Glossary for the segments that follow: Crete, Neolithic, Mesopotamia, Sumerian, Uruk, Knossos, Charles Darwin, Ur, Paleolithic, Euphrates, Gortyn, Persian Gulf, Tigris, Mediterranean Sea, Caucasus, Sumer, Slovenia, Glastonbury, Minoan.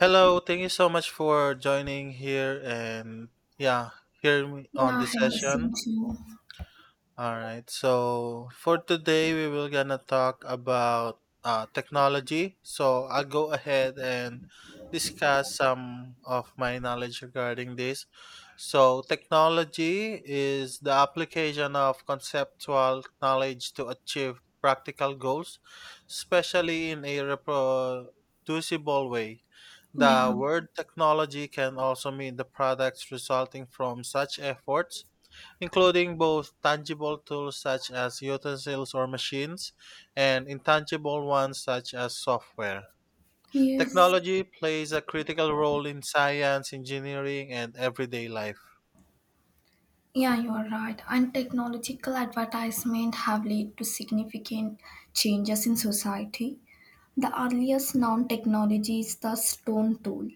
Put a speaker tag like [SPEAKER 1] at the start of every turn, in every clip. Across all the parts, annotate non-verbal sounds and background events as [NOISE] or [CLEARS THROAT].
[SPEAKER 1] Hello, thank you so much for joining here and yeah, hear me
[SPEAKER 2] Yeah,
[SPEAKER 1] on
[SPEAKER 2] I
[SPEAKER 1] this
[SPEAKER 2] have
[SPEAKER 1] session.
[SPEAKER 2] to you.
[SPEAKER 1] All right. So for today, we will gonna talk about technology. So I'll go ahead and discuss some of my knowledge regarding this. So technology is the application of conceptual knowledge to achieve practical goals, especially in a reproducible way. The
[SPEAKER 2] Yeah,
[SPEAKER 1] word technology can also mean the products resulting from such efforts including both tangible tools such as utensils or machines and intangible ones such as software.
[SPEAKER 2] yes.
[SPEAKER 1] Technology plays a critical role in science, engineering, and everyday life.
[SPEAKER 2] Yeah, you are right. And technological advertisement have led to significant changes in society. The earliest known technology is the stone tool,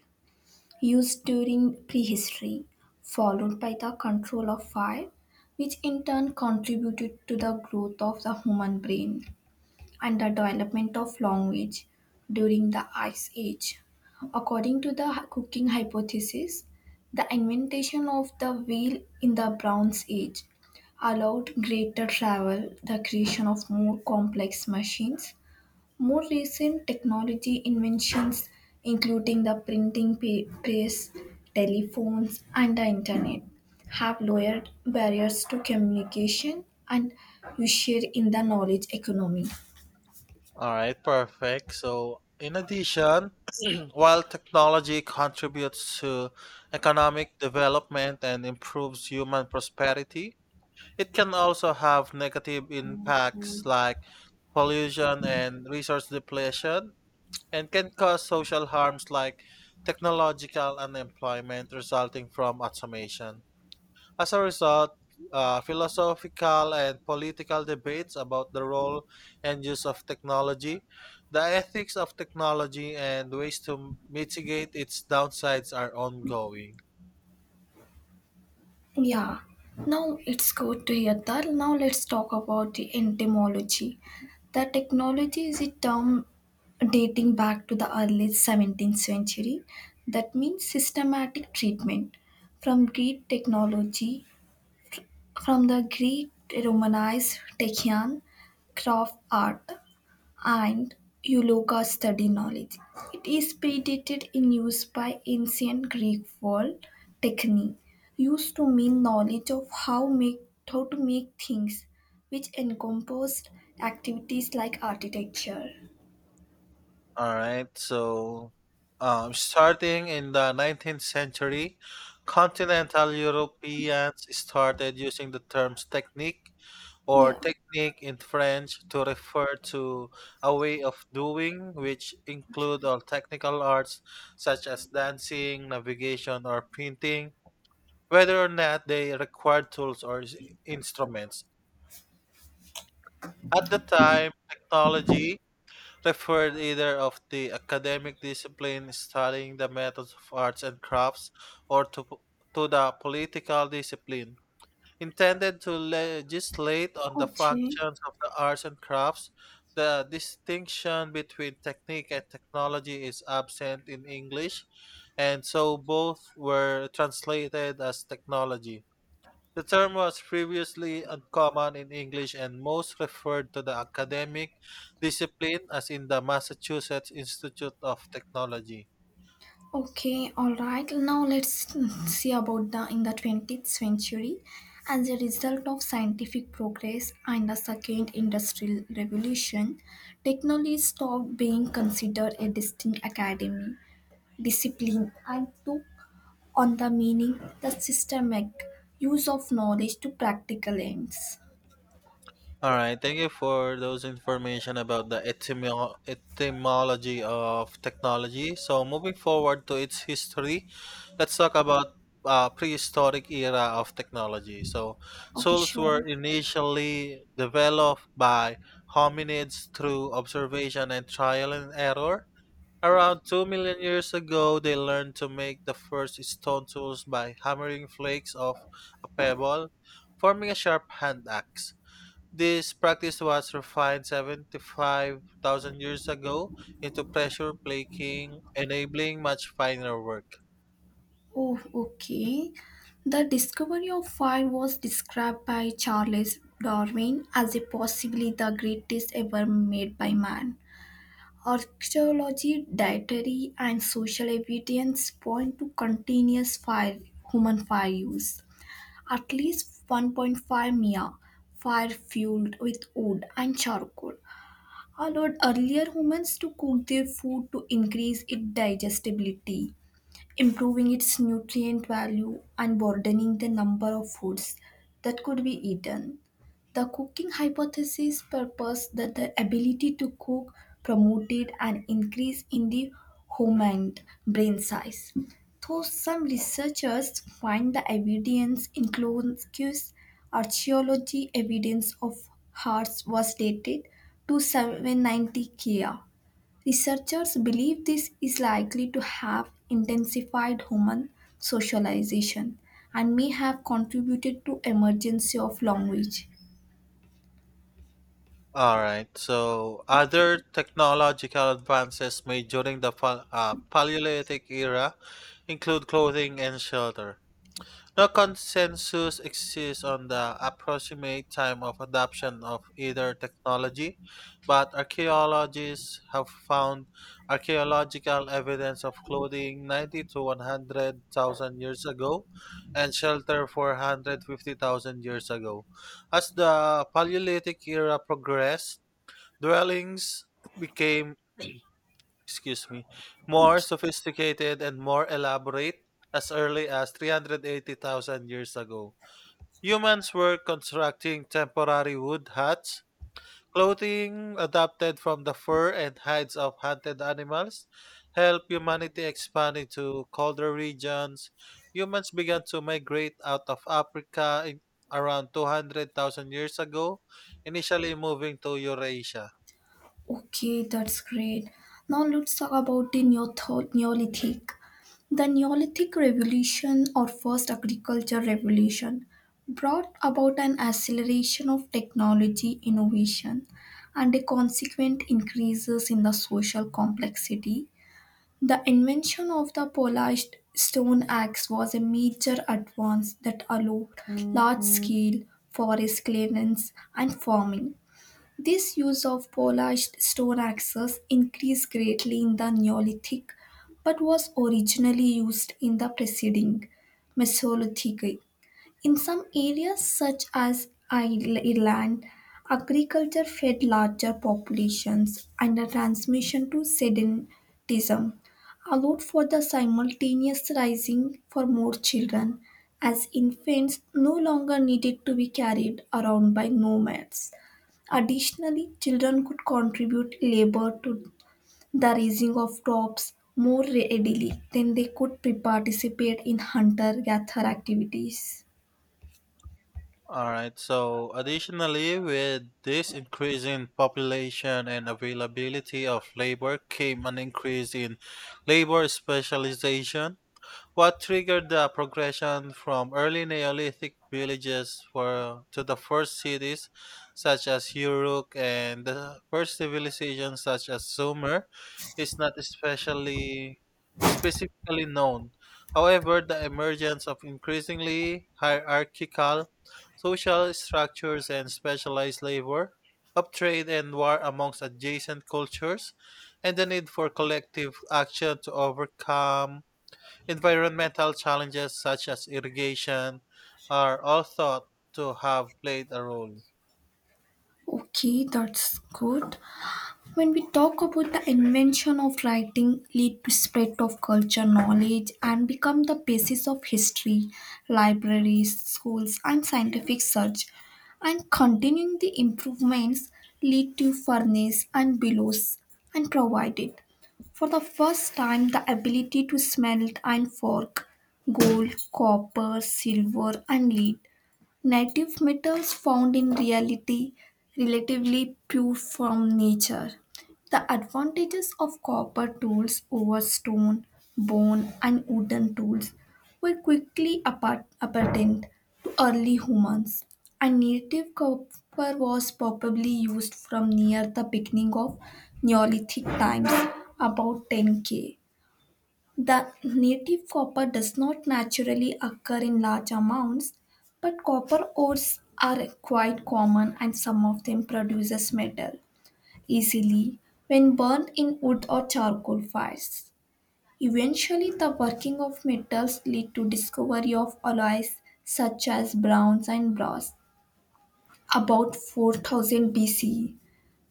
[SPEAKER 2] used during prehistory, followed by the control of fire, which in turn contributed to the growth of the human brain. And the development of language during the Ice Age. According to the cooking hypothesis, the invention of the wheel in the Bronze Age allowed greater travel, the creation of more complex machines. More recent technology inventions, including the printing press, telephones, and the internet, have lowered barriers to communication and you share in the knowledge economy.
[SPEAKER 1] All right, perfect. So, in addition, [CLEARS THROAT] while technology contributes to economic development and improves human prosperity, it can also have negative impacts like pollution and resource depletion and can cause social harms like technological unemployment resulting from automation. As a result, philosophical and political debates about the role and use of technology, the ethics of technology, and ways to mitigate its downsides are ongoing.
[SPEAKER 2] Yeah, now it's good to hear that. Now let's talk about the entomology. The technology is a term dating back to the early 17th century. That means systematic treatment. From Greek technology, from the Greek Romanized techian, craft art and eulogia study knowledge. It is predated in use by ancient Greek word techne, used to mean knowledge of how to make things, which encompassed activities like architecture.
[SPEAKER 1] All right, so starting in the 19th century, continental Europeans started using the terms technique or
[SPEAKER 2] Yeah.
[SPEAKER 1] technique in French to refer to a way of doing which include all technical arts such as dancing, navigation, or painting, whether or not they required tools or instruments. At the time, technology preferred either of the academic discipline studying the methods of arts and crafts or to the political discipline intended to legislate on the
[SPEAKER 2] Okay.
[SPEAKER 1] functions of the arts and crafts. The distinction between technique and technology is absent in English, and so both were translated as technology. The term was previously uncommon in English and most referred to the academic discipline, as in the Massachusetts Institute of Technology.
[SPEAKER 2] Okay, all right. Now let's see about the in the 20th century. As a result of scientific progress and the second industrial revolution, technology stopped being considered a distinct academy discipline and took on the meaning the systemic use of knowledge to practical ends.
[SPEAKER 1] All right, thank you for those information about the etymology of technology. So, moving forward to its history, let's talk about prehistoric era of technology. So,
[SPEAKER 2] Okay,
[SPEAKER 1] tools
[SPEAKER 2] sure.
[SPEAKER 1] were initially developed by hominids through observation and trial and error. Around 2 million years ago, they learned to make the first stone tools by hammering flakes off a pebble, forming a sharp hand axe. This practice was refined 75,000 years ago into pressure plating, enabling much finer work.
[SPEAKER 2] Oh, okay. The discovery of fire was described by Charles Darwin as a possibly the greatest ever made by man. Archaeology, dietary, and social evidence point to continuous fire, human fire use. At least 1.5 mia fire fueled with wood and charcoal allowed earlier humans to cook their food to increase its digestibility improving its nutrient value and broadening the number of foods that could be eaten. The cooking hypothesis proposed that the ability to cook promoted an increase in the human brain size. Though some researchers find the evidence includes archaeology evidence of hearts was dated to 790 ka. Researchers believe this is likely to have intensified human socialization and may have contributed to emergence of language.
[SPEAKER 1] All right, so other technological advances made during the Paleolithic era include clothing and shelter. No consensus exists on the approximate time of adoption of either technology, but archaeologists have found archaeological evidence of clothing 90 to 100,000 years ago and shelter 450,000 years ago. As the Paleolithic era progressed, dwellings became, excuse me,
[SPEAKER 2] Okay,
[SPEAKER 1] more sophisticated and more elaborate as early as 380,000 years ago. Humans were constructing temporary wood huts, clothing adapted from the fur and hides of hunted animals, helped humanity expand into colder regions. Humans began to migrate out of Africa in around 200,000 years ago, initially moving to Eurasia.
[SPEAKER 2] okay, that's great. Now let's talk about the Neolithic. The Neolithic Revolution or First Agriculture Revolution brought about an acceleration of technology innovation and a consequent increases in the social complexity. The invention of the polished stone axe was a major advance that allowed large scale forest clearance and farming. This use of polished stone axes increased greatly in the Neolithic but was originally used in the preceding Mesolithic. In some areas, such as Ireland, agriculture fed larger populations, and the transmission to sedentism allowed for the simultaneous rising for more children, as infants no longer needed to be carried around by nomads. Additionally, children could contribute labor to the raising of crops more readily than they could participate in hunter gatherer activities.
[SPEAKER 1] All right. So, additionally, with this increase in population and availability of labor came an increase in labor specialization. What triggered the progression from early Neolithic villages to the first cities, such as Uruk, and the first civilizations such as Sumer, is not especially specifically known. However, the emergence of increasingly hierarchical social structures and specialized labor, of trade and war amongst adjacent cultures, and the need for collective action to overcome environmental challenges such as irrigation are all thought to have played a role.
[SPEAKER 2] Okay, that's good. When we talk about the invention of writing, lead to spread of culture knowledge and become the basis of history, libraries, schools, and scientific search. And continuing the improvements lead to furnace and bellows and provided. For the first time, the ability to smelt and fork gold, copper, silver, and lead. Native metals found in reality relatively pure from nature. The advantages of copper tools over stone, bone, and wooden tools were quickly apparent to early humans, and native copper was probably used from near the beginning of Neolithic times, about 10K. The native copper does not naturally occur in large amounts, but copper ores are quite common and some of them produces metal easily when burned in wood or charcoal fires. Eventually, the working of metals lead to discovery of alloys such as bronze and brass. About 4000 BCE,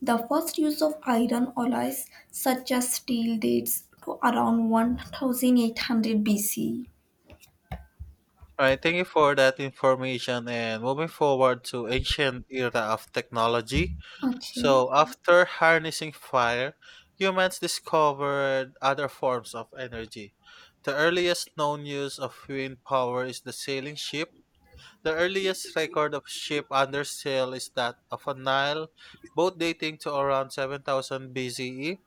[SPEAKER 2] the first use of iron alloys such as steel dates to around 1800 BCE.
[SPEAKER 1] All right, thank you for that information. And moving forward to ancient era of technology.
[SPEAKER 2] Okay,
[SPEAKER 1] So mhm, after harnessing fire, humans discovered other forms of energy. The earliest known use of wind power is the sailing ship. The earliest record of ship under sail is that of a Nile boat dating to around 7000 BCE.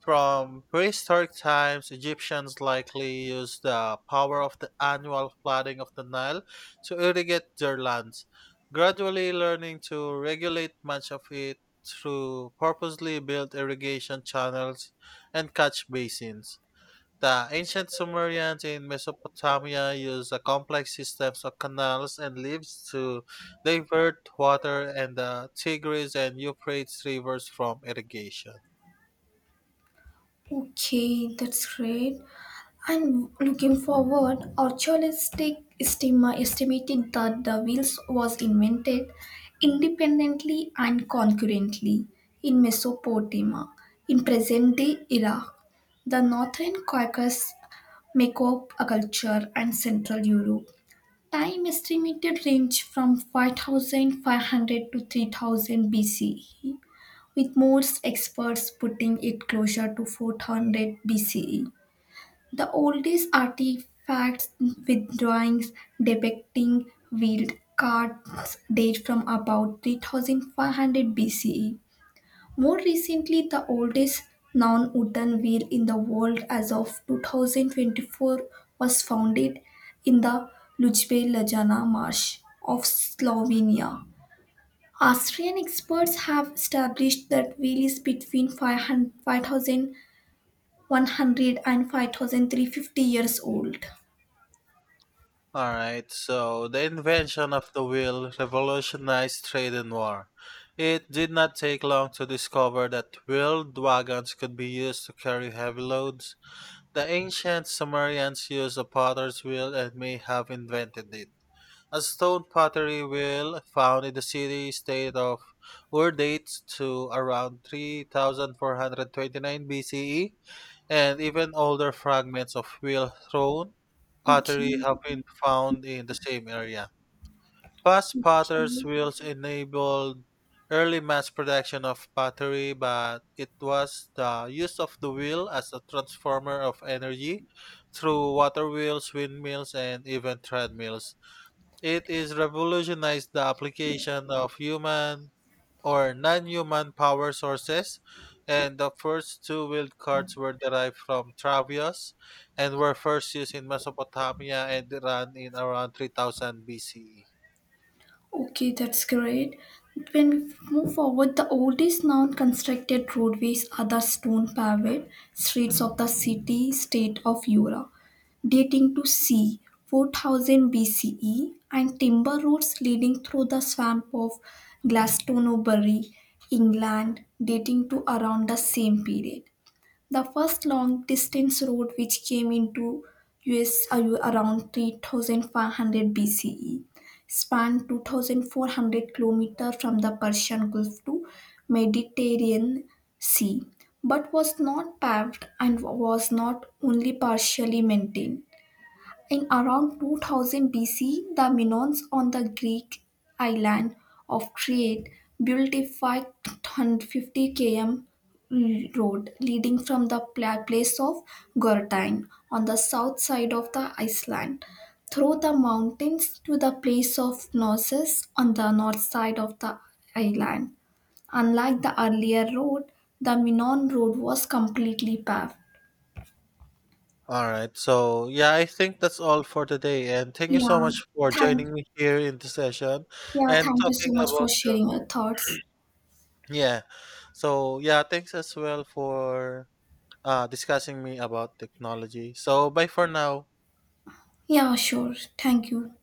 [SPEAKER 1] From prehistoric times, Egyptians likely used the power of the annual flooding of the Nile to irrigate their lands, gradually learning to regulate much of it through purposely built irrigation channels and catch basins. The ancient Sumerians in Mesopotamia used a complex systems of canals and leaves to divert water and the Tigris and Euphrates rivers from irrigation.
[SPEAKER 2] okay, that's great. And looking forward, archaeologists estimated that the wheels was invented independently and concurrently in Mesopotamia, in present-day Iraq. The northern Caucasus Makeup culture and Central Europe. Time estimated range from 5500 to 3000 BCE, with most experts putting it closer to 400 BCE. The oldest artifacts with drawings depicting wheeled carts date from about 3500 BCE. More recently, the oldest non wooden wheel in the world as of 2024 was founded in the Lujbe Lajana marsh of Slovenia. Austrian experts have established that wheel is between 500 years old.
[SPEAKER 1] All right, so the invention of the wheel revolutionized trade and war. It did not take long to discover that wheeled wagons could be used to carry heavy loads. The ancient Sumerians used a potter's wheel and may have invented it. A stone pottery wheel found in the city state of Ur dates to around 3429 BCE and even older fragments of wheel thrown
[SPEAKER 2] Okay.
[SPEAKER 1] pottery have been found in the same area. Fast potters'
[SPEAKER 2] Okay.
[SPEAKER 1] wheels enabled early mass production of pottery, but it was the use of the wheel as a transformer of energy through water wheels, windmills, and even treadmills it is revolutionized the application of human or non-human power sources, and the first two-wheeled carts were derived from Travios and were first used in Mesopotamia and Iran in around 3000 BCE.
[SPEAKER 2] Okay, that's great. When we move forward, the oldest known constructed roadways are the stone paved streets of the city state of Ura, dating to c. 4000 BCE, and timber roads leading through the swamp of Glastonbury, England, dating to around the same period. The first long distance road which came into US around 3500 BCE spanned 2400 km from the Persian Gulf to Mediterranean Sea but was not paved and was not only partially maintained in around 2000 BC, the Minoans on the Greek island of Crete built a 550 km road leading from the place of Gortyn on the south side of the island through the mountains to the place of Knossos on the north side of the island. Unlike the earlier road, the Minon road was completely paved.
[SPEAKER 1] All right, so yeah, I think that's all for today, and thank you so
[SPEAKER 2] Yeah,
[SPEAKER 1] much for
[SPEAKER 2] thank
[SPEAKER 1] joining me here in the session
[SPEAKER 2] Yeah,
[SPEAKER 1] and
[SPEAKER 2] thank you
[SPEAKER 1] talking
[SPEAKER 2] so much for
[SPEAKER 1] about the
[SPEAKER 2] sharing your thoughts.
[SPEAKER 1] yeah. So yeah, thanks as well for discussing me about technology. So bye for now.
[SPEAKER 2] Yeah, sure. Thank you.